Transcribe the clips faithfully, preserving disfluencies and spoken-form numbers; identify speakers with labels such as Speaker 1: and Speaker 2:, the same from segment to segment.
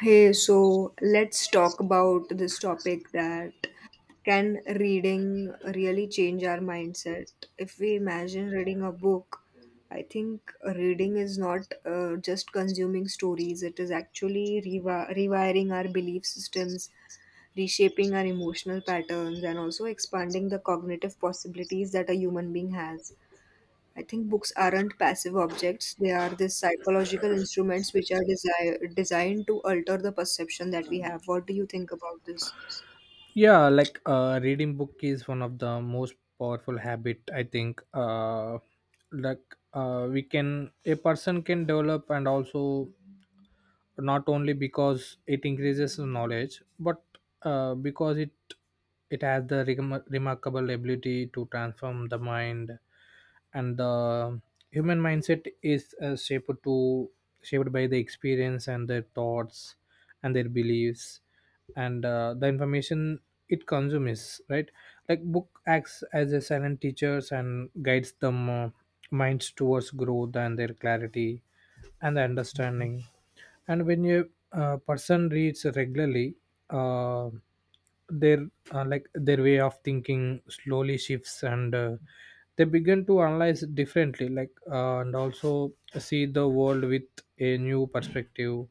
Speaker 1: Hey, so let's talk about this topic that can reading really change our mindset? If we imagine reading a book, I think reading is not uh, just consuming stories. It is actually rewi- rewiring our belief systems, reshaping our emotional patterns, and also expanding the cognitive possibilities that a human being has. I think books aren't passive objects. They are these psychological instruments which are desi- designed to alter the perception that we have. What do you think about this?
Speaker 2: yeah like uh, reading book is one of the most powerful habit i think uh, like uh, we can a person can develop, and also not only because it increases the knowledge, but uh, because it it has the regma- remarkable ability to transform the mind. And the human mindset is uh, shaped to shaped by the experience and their thoughts and their beliefs and uh, the information it consumes, right. Like book acts as a silent teachers and guides them uh, minds towards growth and their clarity and the understanding. And when a uh, person reads regularly, uh, their uh, like their way of thinking slowly shifts, and uh, they begin to analyze differently, like uh, and also see the world with a new perspective.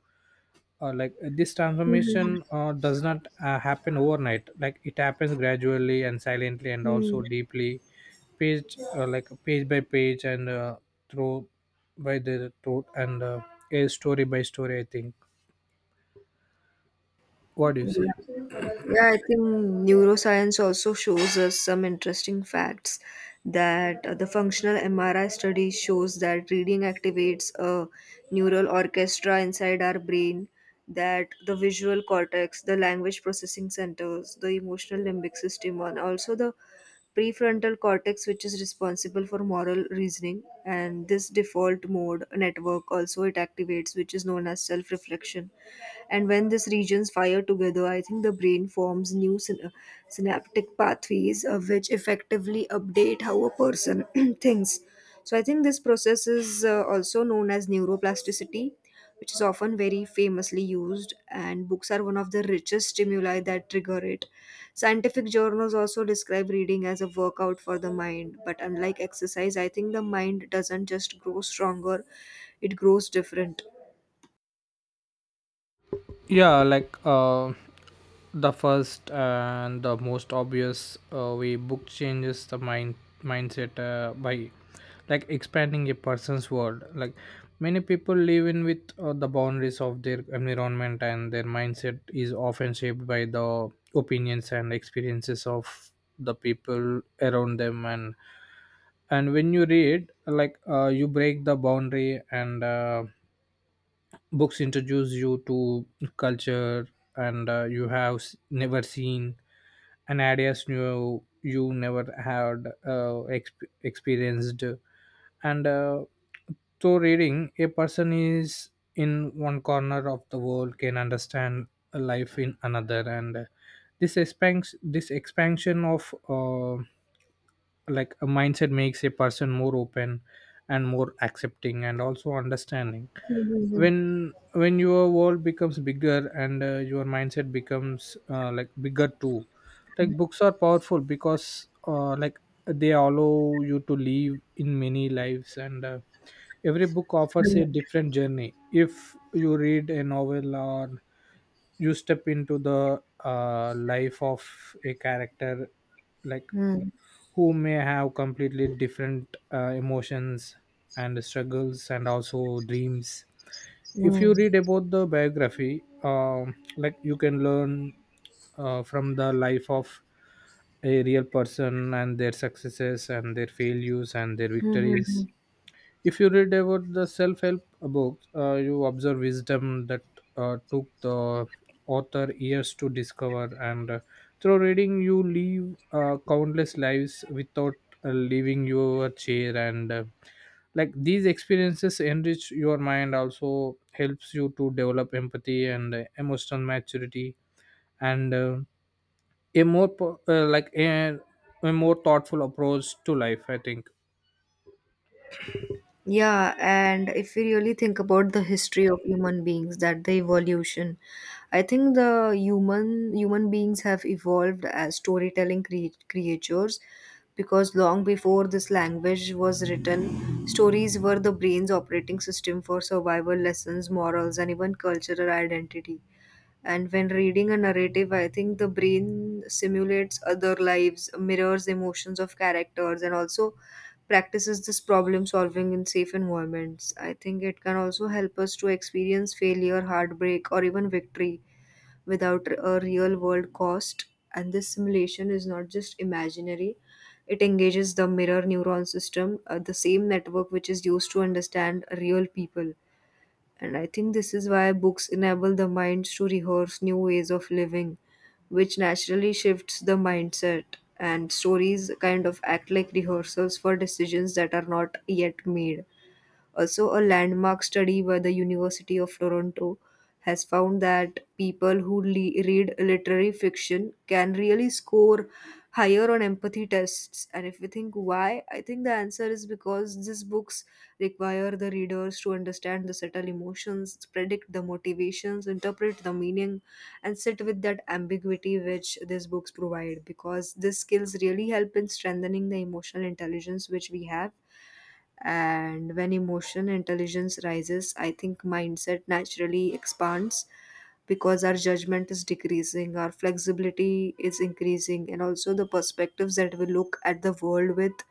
Speaker 2: uh, Like this transformation uh, does not uh, happen overnight, like it happens gradually and silently and
Speaker 1: Hmm.
Speaker 2: also deeply, page uh, like page by page and uh, through by the throat, and uh, a story by story, i think. What do you say?
Speaker 1: Yeah, I think neuroscience also shows us some interesting facts that uh, the functional M R I study shows that reading activates a neural orchestra inside our brain, that the visual cortex, the language processing centers, the emotional limbic system, and also the prefrontal cortex, which is responsible for moral reasoning. And this default mode network also it activates, which is known as self reflection. And when these regions fire together, I think the brain forms new syn- uh, synaptic pathways, uh, which effectively update how a person thinks. So I think this process is uh, also known as neuroplasticity, which is often very famously used, and books are one of the richest stimuli that trigger it. Scientific journals also describe reading as a workout for the mind, but unlike exercise, I think the mind doesn't just grow stronger, it grows different.
Speaker 2: Yeah, like uh, the first and the most obvious uh, way book changes the mind mindset uh, by like expanding a person's world. Like many people live in with uh, the boundaries of their environment, and their mindset is often shaped by the opinions and experiences of the people around them. And and when you read, like uh, you break the boundary, and uh, books introduce you to culture, and uh, you have s- never seen, and ideas you you never had uh, exp- experienced. And uh, through reading, a person is in one corner of the world can understand a life in another. And uh, this expands this expansion of uh, like a mindset makes a person more open and more accepting and also understanding. When when your world becomes bigger, and uh, your mindset becomes uh, like bigger too. Like books are powerful because uh, like they allow you to live in many lives. And uh, every book offers a different journey. If you read a novel, or you step into the uh, life of a character, like
Speaker 1: Hmm.
Speaker 2: who may have completely different uh, emotions and struggles and also dreams. If
Speaker 1: Hmm.
Speaker 2: you read about the biography, um, like you can learn uh, from the life of a real person and their successes and their failures and their
Speaker 1: Mm-hmm.
Speaker 2: victories. If you read about the self-help books, uh, you observe wisdom that uh, took the author years to discover. And uh, through reading, you live uh, countless lives without uh, leaving your chair. And uh, like these experiences enrich your mind, also helps you to develop empathy and uh, emotional maturity, and uh, a more po- uh, like a, a more thoughtful approach to life, i think.
Speaker 1: Yeah, and if we really think about the history of human beings, that the evolution, I think the human human beings have evolved as storytelling cre- creatures, because long before this language was written, stories were the brain's operating system for survival lessons, morals, and even cultural identity. And when reading a narrative, I think the brain simulates other lives, mirrors emotions of characters, and also practices this problem solving in safe environments. I think it can also help us to experience failure, heartbreak, or even victory without a real world cost. And this simulation is not just imaginary, it engages the mirror neuron system, uh, the same network which is used to understand real people. And I think this is why books enable the minds to rehearse new ways of living, which naturally shifts the mindset. And stories kind of act like rehearsals for decisions that are not yet made. Also, a landmark study by the University of Toronto has found that people who le- read literary fiction can really score higher on empathy tests. And if we think why, I think the answer is because these books require the readers to understand the subtle emotions, predict the motivations, interpret the meaning, and sit with that ambiguity which these books provide, because these skills really help in strengthening the emotional intelligence which we have. And when emotional intelligence rises, I think mindset naturally expands, because our judgment is decreasing, our flexibility is increasing, and also the perspectives that we look at the world with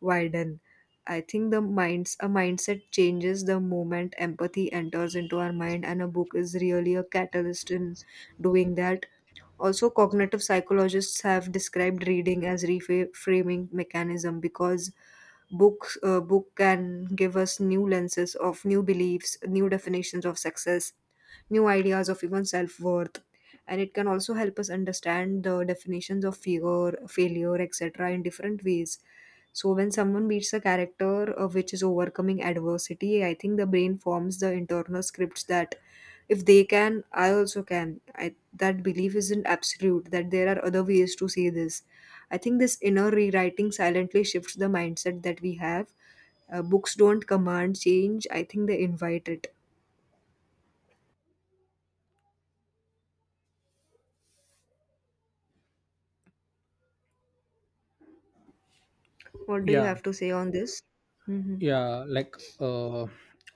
Speaker 1: widen. I think the minds a mindset changes the moment empathy enters into our mind, and a book is really a catalyst in doing that. Also, cognitive psychologists have described reading as reframing mechanism, because books uh, book can give us new lenses of new beliefs, new definitions of success, new ideas of even self-worth. And it can also help us understand the definitions of fear, failure, et cetera in different ways. So when someone beats a character uh, which is overcoming adversity, I think the brain forms the internal scripts that if they can, I also can. I, that belief isn't absolute, that there are other ways to see this. I think this inner rewriting silently shifts the mindset that we have. Uh, books don't command change, I think they invite it. What do you
Speaker 2: Yeah.
Speaker 1: have to say on this? Hmm.
Speaker 2: yeah like uh,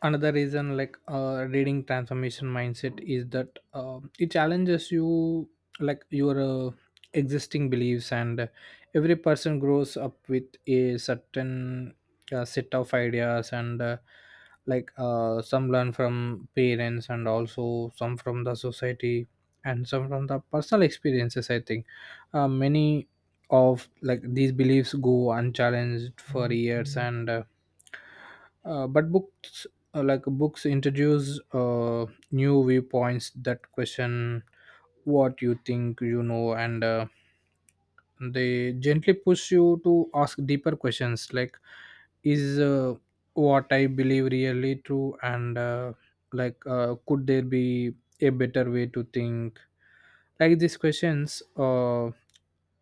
Speaker 2: another reason, like uh, reading transformation mindset is that uh, it challenges you, like your uh, existing beliefs. And every person grows up with a certain uh, set of ideas, and uh, like uh, some learn from parents and also some from the society and some from the personal experiences, i think. Uh, many of like these beliefs go unchallenged for years, and uh, uh, but books, uh, like books introduce uh, new viewpoints that question what you think you know. And uh, they gently push you to ask deeper questions, like is uh, what i believe really true, and uh, like uh, could there be a better way to think. Like these questions uh,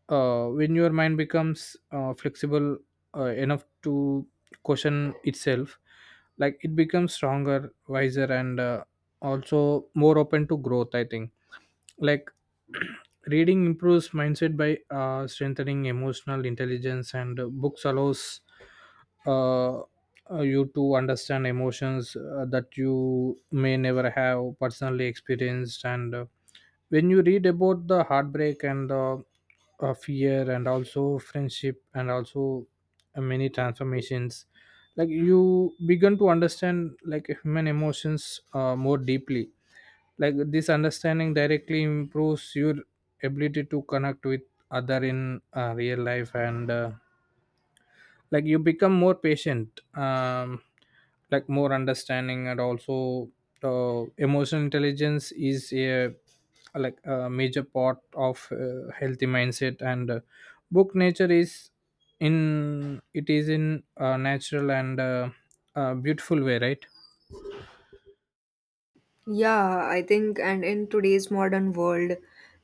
Speaker 2: uh, When your mind becomes uh, flexible uh, enough to question itself, like it becomes stronger, wiser, and uh, also more open to growth, i think. Like reading improves mindset by uh, strengthening emotional intelligence. And uh, books allows uh, uh, you to understand emotions uh, that you may never have personally experienced. And uh, when you read about the heartbreak and uh, uh, fear and also friendship and also uh, many transformations, like you begin to understand, like human emotions uh, more deeply. Like this understanding directly improves your ability to connect with other in uh, real life. And uh, like you become more patient, um, like more understanding and also uh, emotional intelligence is a like a major part of uh, healthy mindset. And uh, book nature is in it is in a natural and uh, uh, beautiful way, right.
Speaker 1: Yeah, I think, and in today's modern world,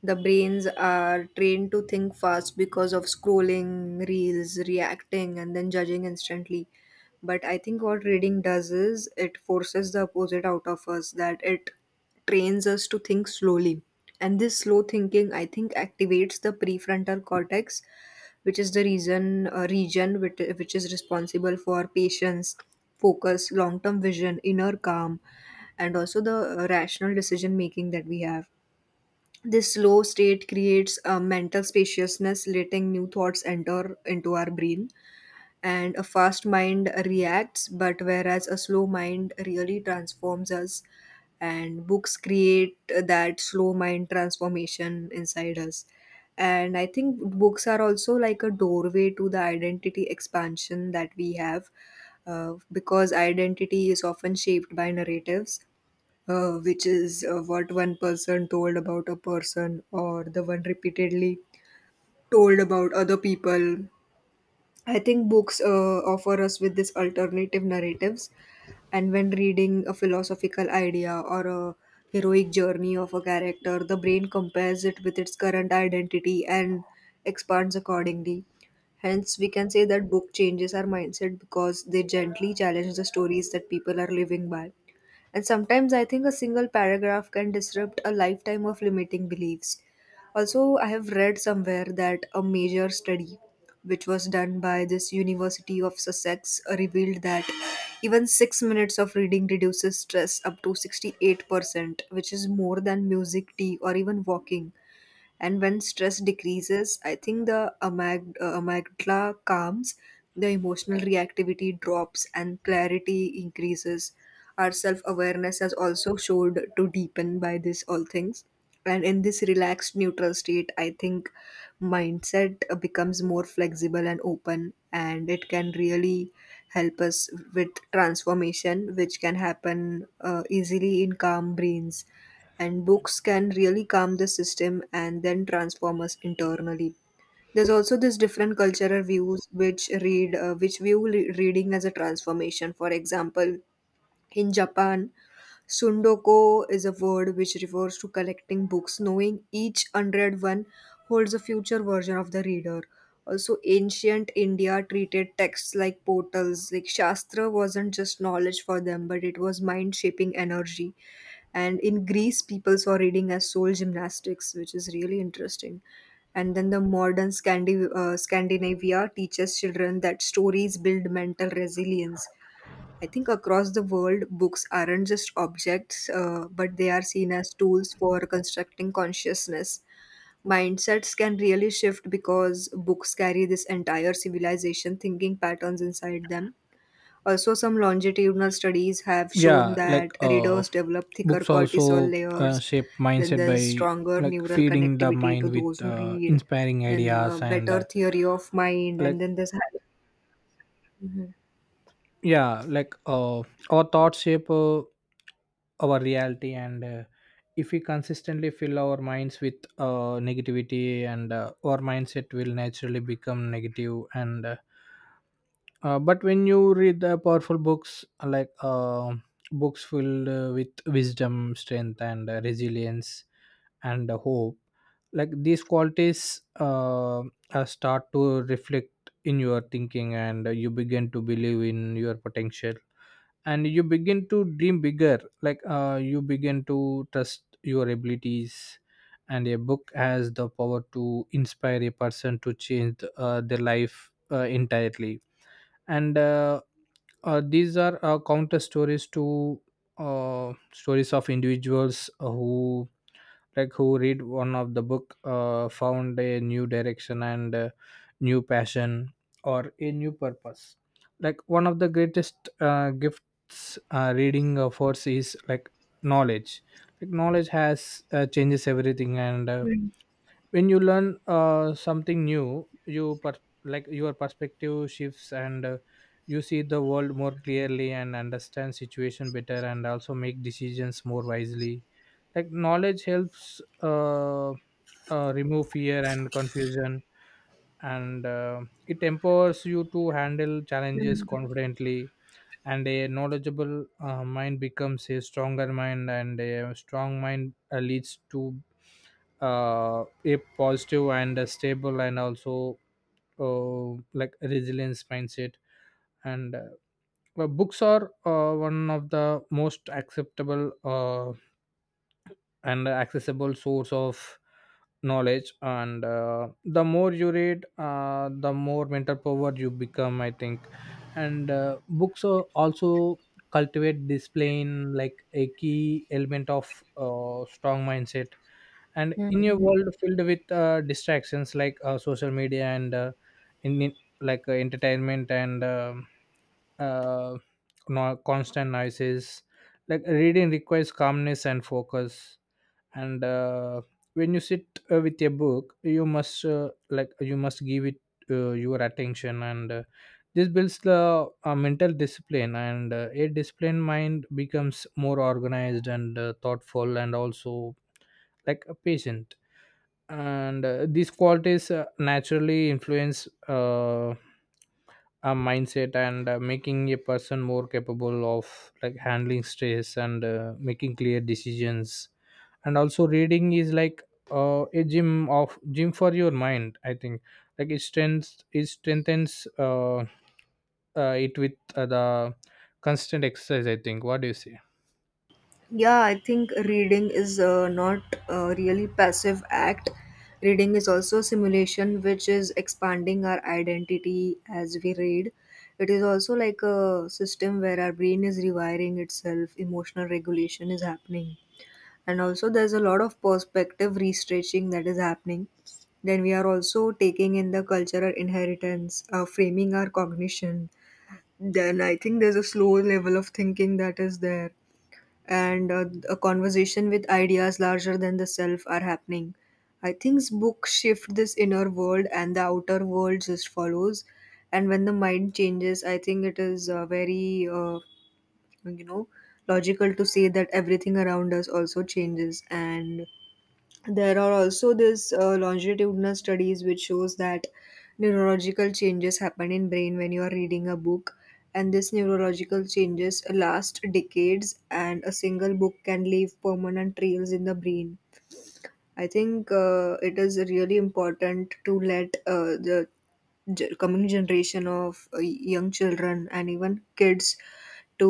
Speaker 1: the brains are trained to think fast because of scrolling, reels, reacting, and then judging instantly. But I think what reading does is it forces the opposite out of us, that it trains us to think slowly. And this slow thinking, I think, activates the prefrontal cortex, which is the reason uh, region which, which is responsible for patience, focus, long term vision, inner calm, and also the uh, rational decision making that we have. This slow state creates a mental spaciousness, letting new thoughts enter into our brain. And a fast mind reacts, but whereas a slow mind really transforms us, and books create that slow mind transformation inside us. And I think books are also like a doorway to the identity expansion that we have, uh, because identity is often shaped by narratives, uh, which is uh, what one person told about a person or the one repeatedly told about other people. I think books uh, offer us with these alternative narratives, and when reading a philosophical idea or a heroic journey of a character, the brain compares it with its current identity and expands accordingly. Hence, we can say that book changes our mindset because they gently challenge the stories that people are living by. And sometimes I think a single paragraph can disrupt a lifetime of limiting beliefs. Also, I have read somewhere that a major study, which was done by this University of Sussex, uh, revealed that even six minutes of reading reduces stress up to sixty-eight percent, which is more than music, tea, or even walking. And when stress decreases, I think the amyg- uh, amygdala calms, the emotional reactivity drops, and clarity increases. Our self awareness has also showed to deepen by this all things. And in this relaxed, neutral state, I think mindset uh, becomes more flexible and open, and it can really help us with transformation, which can happen uh, easily in calm brains. And books can really calm the system and then transform us internally. There's also this different cultural views which read uh, which view re- reading as a transformation. For example, in Japan, Sundoko is a word which refers to collecting books, knowing each unread one holds a future version of the reader. Also, ancient India treated texts like portals. Like Shastra wasn't just knowledge for them, but it was mind shaping energy. And in Greece, people saw reading as soul gymnastics, which is really interesting. And then the modern Scandi- uh, Scandinavia teaches children that stories build mental resilience. I think across the world, books aren't just objects, uh, but they are seen as tools for constructing consciousness. Mindsets can really shift because books carry this entire civilization thinking patterns inside them. Also, some longitudinal studies have shown
Speaker 2: yeah like
Speaker 1: that
Speaker 2: uh
Speaker 1: readers develop thicker
Speaker 2: books
Speaker 1: cortisol
Speaker 2: also uh,
Speaker 1: layers,
Speaker 2: shape
Speaker 1: then
Speaker 2: mindset
Speaker 1: there's
Speaker 2: by
Speaker 1: stronger
Speaker 2: like
Speaker 1: neural
Speaker 2: feeding the
Speaker 1: connectivity to
Speaker 2: mind with
Speaker 1: those who
Speaker 2: uh,
Speaker 1: read,
Speaker 2: inspiring
Speaker 1: then uh,
Speaker 2: ideas and
Speaker 1: better
Speaker 2: uh,
Speaker 1: theory of mind, and
Speaker 2: like
Speaker 1: then there's.
Speaker 2: yeah like uh, our thoughts shape uh, our reality. And uh, if we consistently fill our minds with uh, negativity, and uh, our mindset will naturally become negative. And uh, Uh, but when you read the powerful books, like uh, books filled uh, with wisdom, strength, and uh, resilience, and uh, hope, like these qualities uh, uh, start to reflect in your thinking. And uh, you begin to believe in your potential, and you begin to dream bigger. Like uh, you begin to trust your abilities, and a book has the power to inspire a person to change uh, their life uh, entirely. And uh, uh, these are uh, counter stories to uh, stories of individuals who like who read one of the book uh, found a new direction and uh, new passion or a new purpose. Like one of the greatest uh, gifts uh, reading uh, force is like knowledge. Like knowledge has uh, changes everything. And uh,
Speaker 1: Mhm.
Speaker 2: when you learn uh, something new, you per- like your perspective shifts, and uh, you see the world more clearly and understand situation better and also make decisions more wisely. Like knowledge helps uh, uh, remove fear and confusion, and uh, it empowers you to handle challenges confidently. And a knowledgeable uh, mind becomes a stronger mind, and a strong mind uh, leads to uh, a positive and a stable and also uh, like resilience mindset. And uh, well, books are uh, one of the most acceptable uh, and accessible source of knowledge. And uh, the more you read, uh, the more mental power you become, i think. And uh, books are also cultivate this plane, like a key element of uh, strong mindset. And in a
Speaker 1: Mhm.
Speaker 2: world filled with uh, distractions, like uh, social media and uh, in in- like uh, entertainment and um uh, no, constant noises, like reading requires calmness and focus. And uh, when you sit uh, with a book, you must uh, like you must give it uh, your attention. And uh, this builds the uh, mental discipline. And uh, a disciplined mind becomes more organized and uh, thoughtful and also like a patient. And uh, these qualities uh, naturally influence uh, uh, mindset, and uh, making a person more capable of like handling stress and uh, making clear decisions. And also reading is like uh, a gym of gym for your mind, i think. Like it strengthens it strengthens uh, uh, it with uh, the constant exercise, i think. What do you say?
Speaker 1: Yeah, I think reading is uh, not a really passive act. Reading is also simulation, which is expanding our identity as we read. It is also like a system where our brain is rewiring itself, emotional regulation is happening. And also, there's a lot of perspective restretching that is happening. Then we are also taking in the cultural inheritance, uh, framing our cognition. Then I think there's a slow level of thinking that is there, and uh, a conversation with ideas larger than the self are happening. I think books shift this inner world and the outer world just follows. And when the mind changes, I think it is uh, very, uh, you know, logical to say that everything around us also changes. And there are also this uh, longitudinal studies which shows that neurological changes happen in brain when you are reading a book, and this neurological changes last decades, and a single book can leave permanent trails in the brain. I think uh, it is really important to let uh, the ge- coming generation of uh, young children and even kids to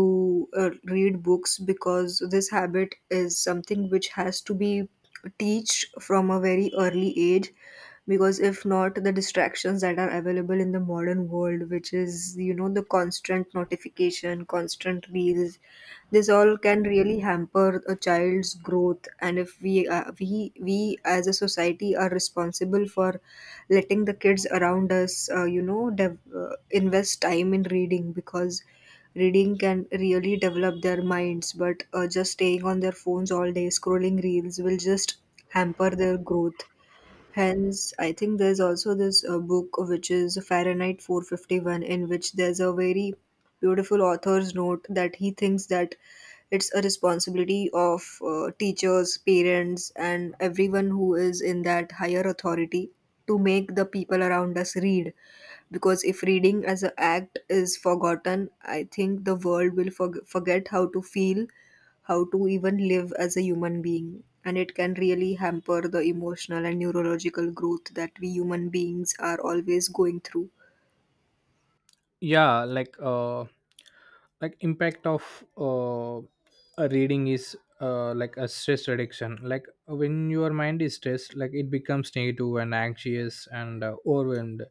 Speaker 1: uh, read books, because this habit is something which has to be teach from a very early age. Because if not, the distractions that are available in the modern world, which is, you know, the constant notification, constant reels, this all can really hamper a child's growth. And if we uh, we we as a society are responsible for letting the kids around us, uh, you know, dev- uh, invest time in reading, because reading can really develop their minds. But uh, just staying on their phones all day scrolling reels will just hamper their growth. Hence, I think there's also this uh, book which is Fahrenheit four fifty-one, in which there's a very beautiful author's note that he thinks that it's a responsibility of uh, teachers, parents, and everyone who is in that higher authority to make the people around us read. Because if reading as an act is forgotten, I think the world will forg forget how to feel, how to even live as a human being. And it can really hamper the emotional and neurological growth that we human beings are always going through.
Speaker 2: yeah like uh like impact of uh a reading is uh like a stress reduction. Like when your mind is stressed, like it becomes negative and anxious and uh, overwhelmed.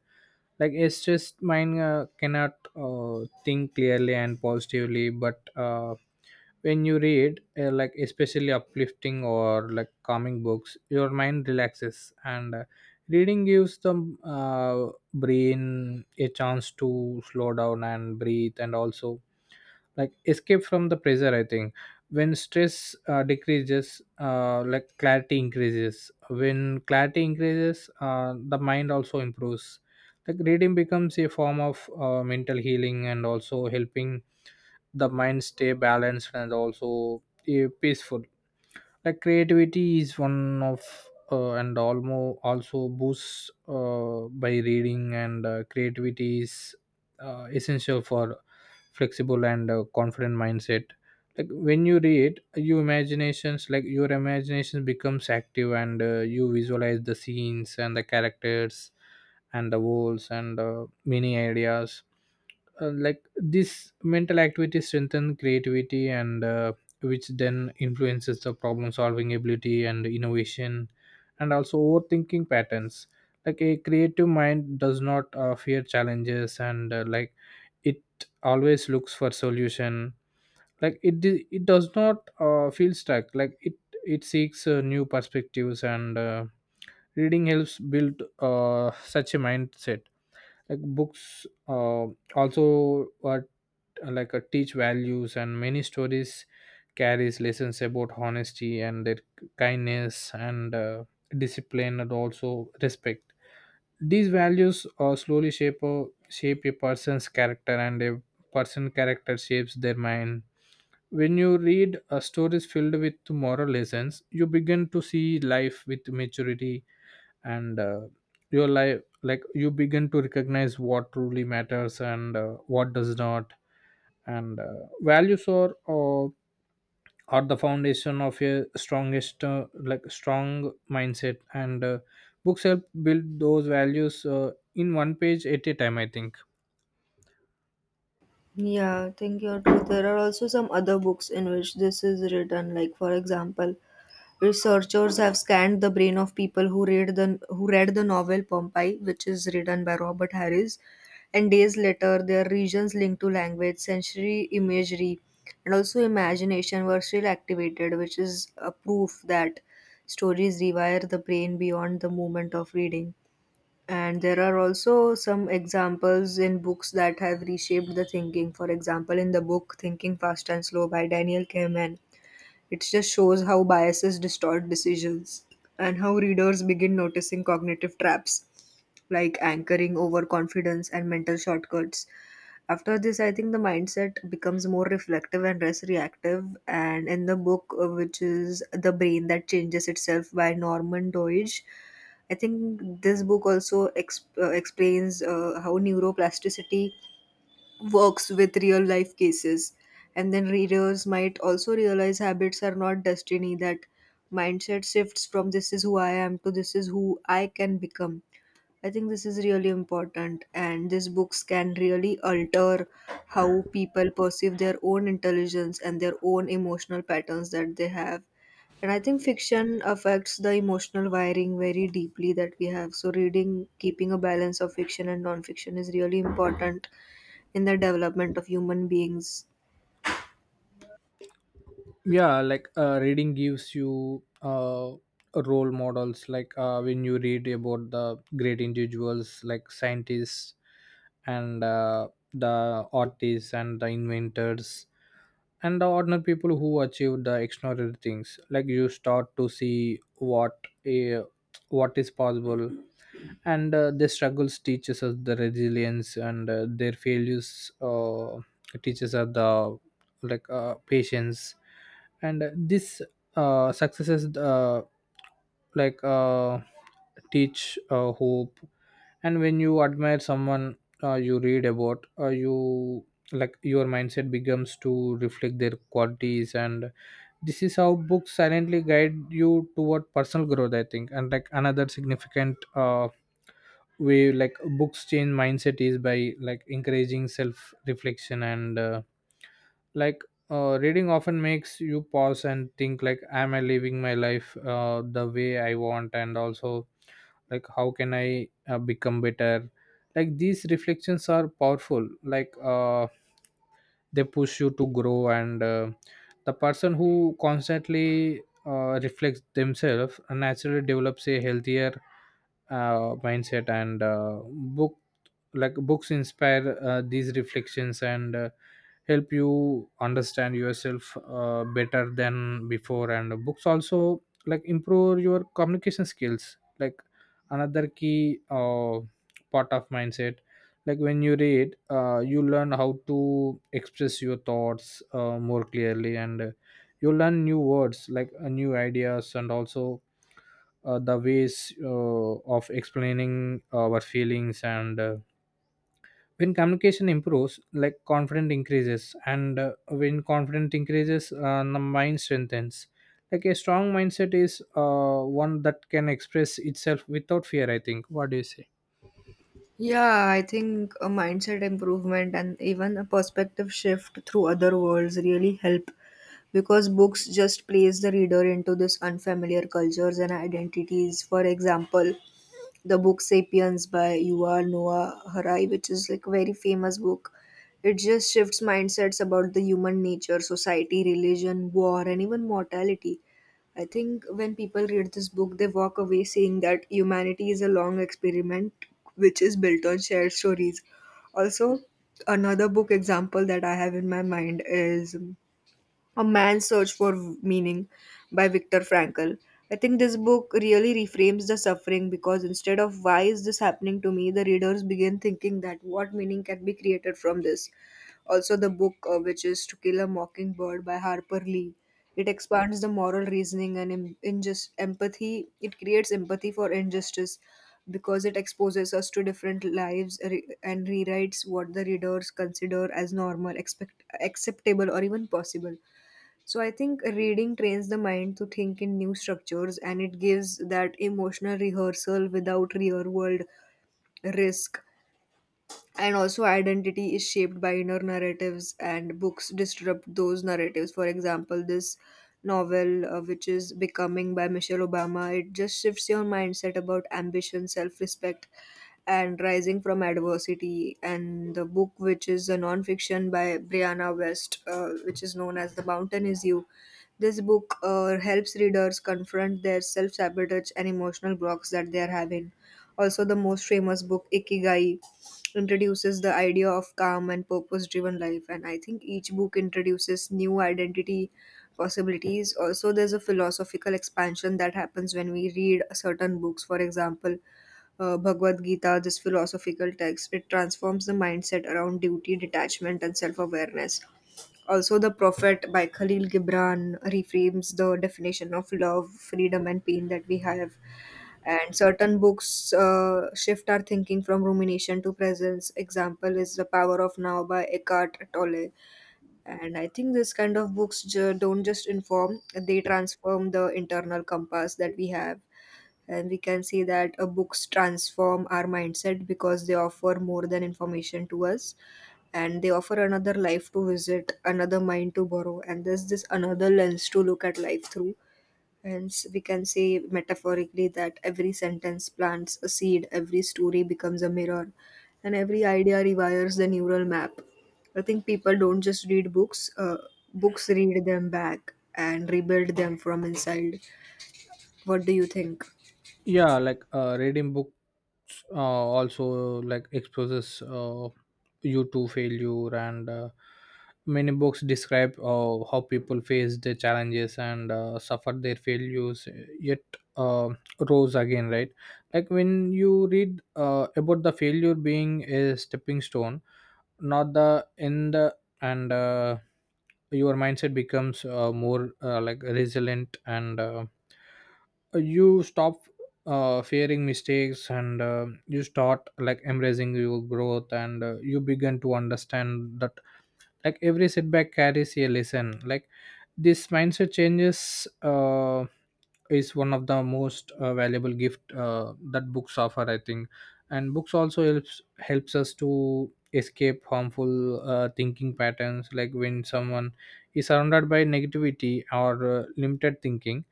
Speaker 2: Like a stressed mind uh, cannot uh, think clearly and positively. But uh when you read, uh, like especially uplifting or like calming books, your mind relaxes. And uh, reading gives them uh, brain a chance to slow down and breathe and also like escape from the pressure, i think. When stress uh, decreases, uh, like clarity increases. When clarity increases, uh, the mind also improves. Like reading becomes a form of uh, mental healing, and also helping the mind stay balanced and also uh, peaceful. Like creativity is one of uh, and almost also boosts uh, by reading. And uh, creativity is uh, essential for flexible and uh, confident mindset. Like when you read your imaginations, like your imagination becomes active, and uh, you visualize the scenes and the characters and the walls and uh, many ideas. Uh, like this mental activity strengthen creativity, and uh, which then influences the problem solving ability and innovation and also overthinking patterns. Like a creative mind does not uh, fear challenges, and uh, like it always looks for solution. Like it di- it does not uh, feel stuck. Like it it seeks uh, new perspectives. And uh, reading helps build uh, such a mindset. Like books uh, also uh, like uh, teach values, and many stories carries lessons about honesty and their kindness and uh, discipline and also respect. These values uh, slowly shape a, shape a person's character, and a person character shapes their mind. When you read uh, stories filled with moral lessons, you begin to see life with maturity. And uh, your life like you begin to recognize what truly matters and uh, what does not. And uh, values are uh, are the foundation of a strongest uh, like strong mindset. And uh, books help build those values uh, in one page at a time, i think.
Speaker 1: Yeah, I think you're true. There are also some other books in which this is written, like, for example, researchers have scanned the brain of people who read the who read the novel Pompeii, which is written by Robert Harris, and days later their regions linked to language, sensory imagery, and also imagination were still activated, which is a proof that stories rewire the brain beyond the moment of reading. And there are also some examples in books that have reshaped the thinking. For example, in the book Thinking Fast and Slow by Daniel Kahneman, it just shows how biases distort decisions and how readers begin noticing cognitive traps like anchoring overconfidence and mental shortcuts. After this, I think the mindset becomes more reflective and less reactive. And in the book, uh, which is The Brain That Changes Itself by Norman Doidge, I think this book also exp- uh, explains uh, how neuroplasticity works with real life cases. And then readers might also realize habits are not destiny, that mindset shifts from this is who I am to this is who I can become. I think this is really important, and these books can really alter how people perceive their own intelligence and their own emotional patterns that they have. And I think fiction affects the emotional wiring very deeply that we have. So, reading, keeping a balance of fiction and non-fiction is really important in the development of human beings.
Speaker 2: yeah like uh, reading gives You uh, role models, like uh, when you read about the great individuals like scientists and uh, the artists and the inventors and the ordinary people who achieve the extraordinary things, like you start to see what a what is possible, and uh, their struggles teaches us the resilience, and uh, their failures uh, teaches us the, like uh, patience, and uh, this uh, successes, uh, like uh, teach uh, hope. And when you admire someone, uh, you read about, uh, you, like your mindset becomes to reflect their qualities, and this is how books silently guide you toward personal growth, I think. And like another significant, uh, way like books change mindset is by like encouraging self reflection, and uh, like uh, reading often makes you pause and think, like am I living my life uh, the way I want, and also like how can I uh, become better. Like these reflections are powerful, like uh, they push you to grow, and uh, the person who constantly uh, reflects themselves naturally develops a healthier, uh, mindset. And uh, book like books inspire uh, these reflections and uh, help you understand yourself uh, better than before. And books also like improve your communication skills, like another key, uh, part of mindset. Like when you read, uh, you learn how to express your thoughts uh, more clearly, and uh, you learn new words, like uh, new ideas, and also uh, the ways uh, of explaining our feelings. And uh, when communication improves, like confidence increases, and uh, when confidence increases, uh, the mind strengthens. Like a strong mindset is uh, one that can express itself without fear, I think. What do you say?
Speaker 1: Yeah, I think a mindset improvement and even a perspective shift through other worlds really help, because books just place the reader into this unfamiliar cultures and identities. For example, the book *Sapiens* by Yuval Noah Harari, which is like a very famous book, it just shifts mindsets about the human nature, society, religion, war, and even mortality. I think when people read this book, they walk away saying that humanity is a long experiment which is built on shared stories. Also, another book example that I have in my mind is A Man's Search for Meaning by Viktor Frankl. I think this book really reframes the suffering, because instead of why is this happening to me, the readers begin thinking that what meaning can be created from this. Also, the book, uh, which is To Kill a Mockingbird by Harper Lee, it expands the moral reasoning and in, injust, empathy. It creates empathy for injustice because it exposes us to different lives re- and rewrites what the readers consider as normal, expect, acceptable, or even possible. So I think reading trains the mind to think in new structures, and it gives that emotional rehearsal without real world risk. And also, identity is shaped by inner narratives, and books disrupt those narratives. For example, this novel, uh, which is Becoming by Michelle Obama, it just shifts your mindset about ambition, self respect, and Rising from Adversity. And the book, which is a non-fiction by Brianna West, uh, which is known as The Mountain Is You. This book uh, helps readers confront their self sabotage and emotional blocks that they are having. Also, the most famous book, Ikigai, introduces the idea of calm and purpose driven life. And I think each book introduces new identity possibilities. Also, there's a philosophical expansion that happens when we read certain books. For example, uh, Bhagavad Gita, this philosophical text, it transforms the mindset around duty, detachment, and self awareness. Also, The Prophet by Khalil Gibran reframes the definition of love, freedom, and pain that we have. And certain books uh, shift our thinking from rumination to presence. Example is The Power of Now by Eckhart Tolle. And I think this kind of books ju- don't just inform, they transform the internal compass that we have, and we can see that uh, books transform our mindset, because they offer more than information to us, and they offer another life to visit, another mind to borrow, and there's this another lens to look at life through. Hence we can say metaphorically that every sentence plants a seed, every story becomes a mirror, and every idea rewires the neural map. I think people don't just read books, uh, books read them back and rebuild them from inside. What do you think?
Speaker 2: Yeah, like uh, reading books uh, also like exposes, uh, you to failure, and uh, many books describe uh, how people face their challenges, and uh, suffer their failures, yet uh, rose again, right? Like when you read uh, about the failure being a stepping stone, not the end, and uh, your mindset becomes uh, more uh, like resilient, and uh, you stop uh, fearing mistakes, and uh, you start like embracing your growth, and uh, you begin to understand that like every setback carries a lesson. Like this mindset changes, uh, is one of the most uh, valuable gift uh, that books offer, I think. And books also helps helps us to escape harmful uh, thinking patterns, like when someone is surrounded by negativity or uh, limited thinking,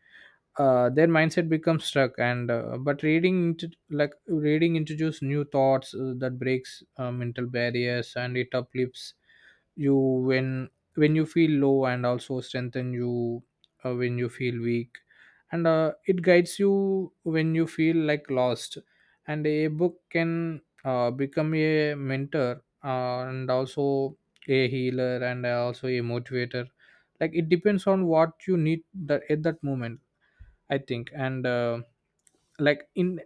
Speaker 2: uh, their mindset becomes stuck. And uh, but reading into like reading introduces new thoughts uh, that breaks uh, mental barriers, and it uplifts you when when you feel low, and also strengthen you uh, when you feel weak, and uh, it guides you when you feel like lost. And a book can uh, become a mentor, uh, and also a healer, and also a motivator. Like it depends on what you need that at that moment, I think. And uh, like in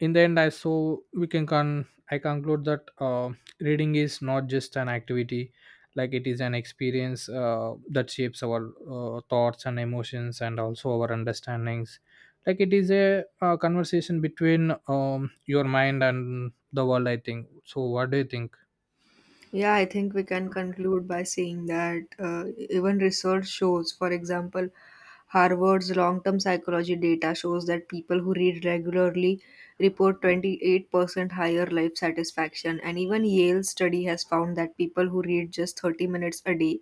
Speaker 2: in the end, I so we can con I conclude that uh, reading is not just an activity, like it is an experience uh, that shapes our uh, thoughts and emotions, and also our understandings. Like it is a, uh conversation between um, your mind and the world, I think. So what do you think?
Speaker 1: Yeah, I think we can conclude by saying that uh, even research shows, for example, Harvard's long term psychology data shows that people who read regularly report twenty-eight percent higher life satisfaction. And even Yale's study has found that people who read just thirty minutes a day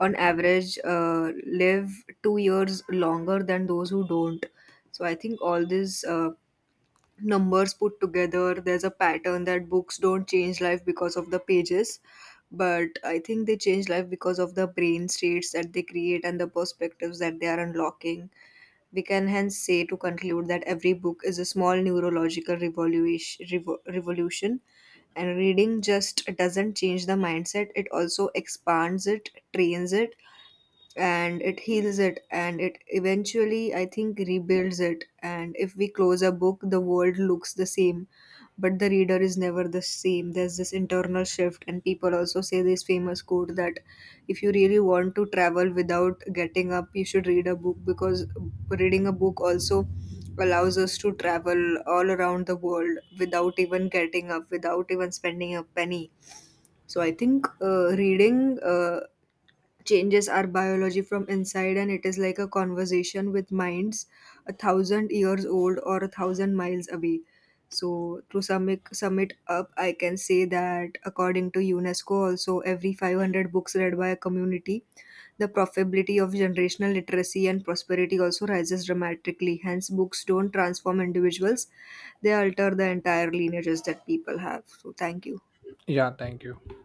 Speaker 1: on average uh, live two years longer than those who don't. So I think all these uh, numbers put together, there's a pattern that books don't change life because of the pages, but I think they change life because of the brain states that they create and the perspectives that they are unlocking. We can hence say to conclude that every book is a small neurological revolution, revo- revolution. And reading just doesn't change the mindset, it also expands it, trains it, and it heals it, and it eventually, I think, rebuilds it. And if we close a book, the world looks the same, but the reader is never the same. There's this internal shift, and people also say this famous quote that if you really want to travel without getting up, you should read a book, because reading a book also allows us to travel all around the world without even getting up, without even spending a penny. So I think uh, reading uh, changes our biology from inside, and it is like a conversation with minds a thousand years old or a thousand miles away. So to sum it, sum it up, I can say that according to UNESCO also, every five hundred books read by a community, the probability of generational literacy and prosperity also rises dramatically. Hence books don't transform individuals, they alter the entire lineages that people have. So thank you.
Speaker 2: Yeah. Thank you.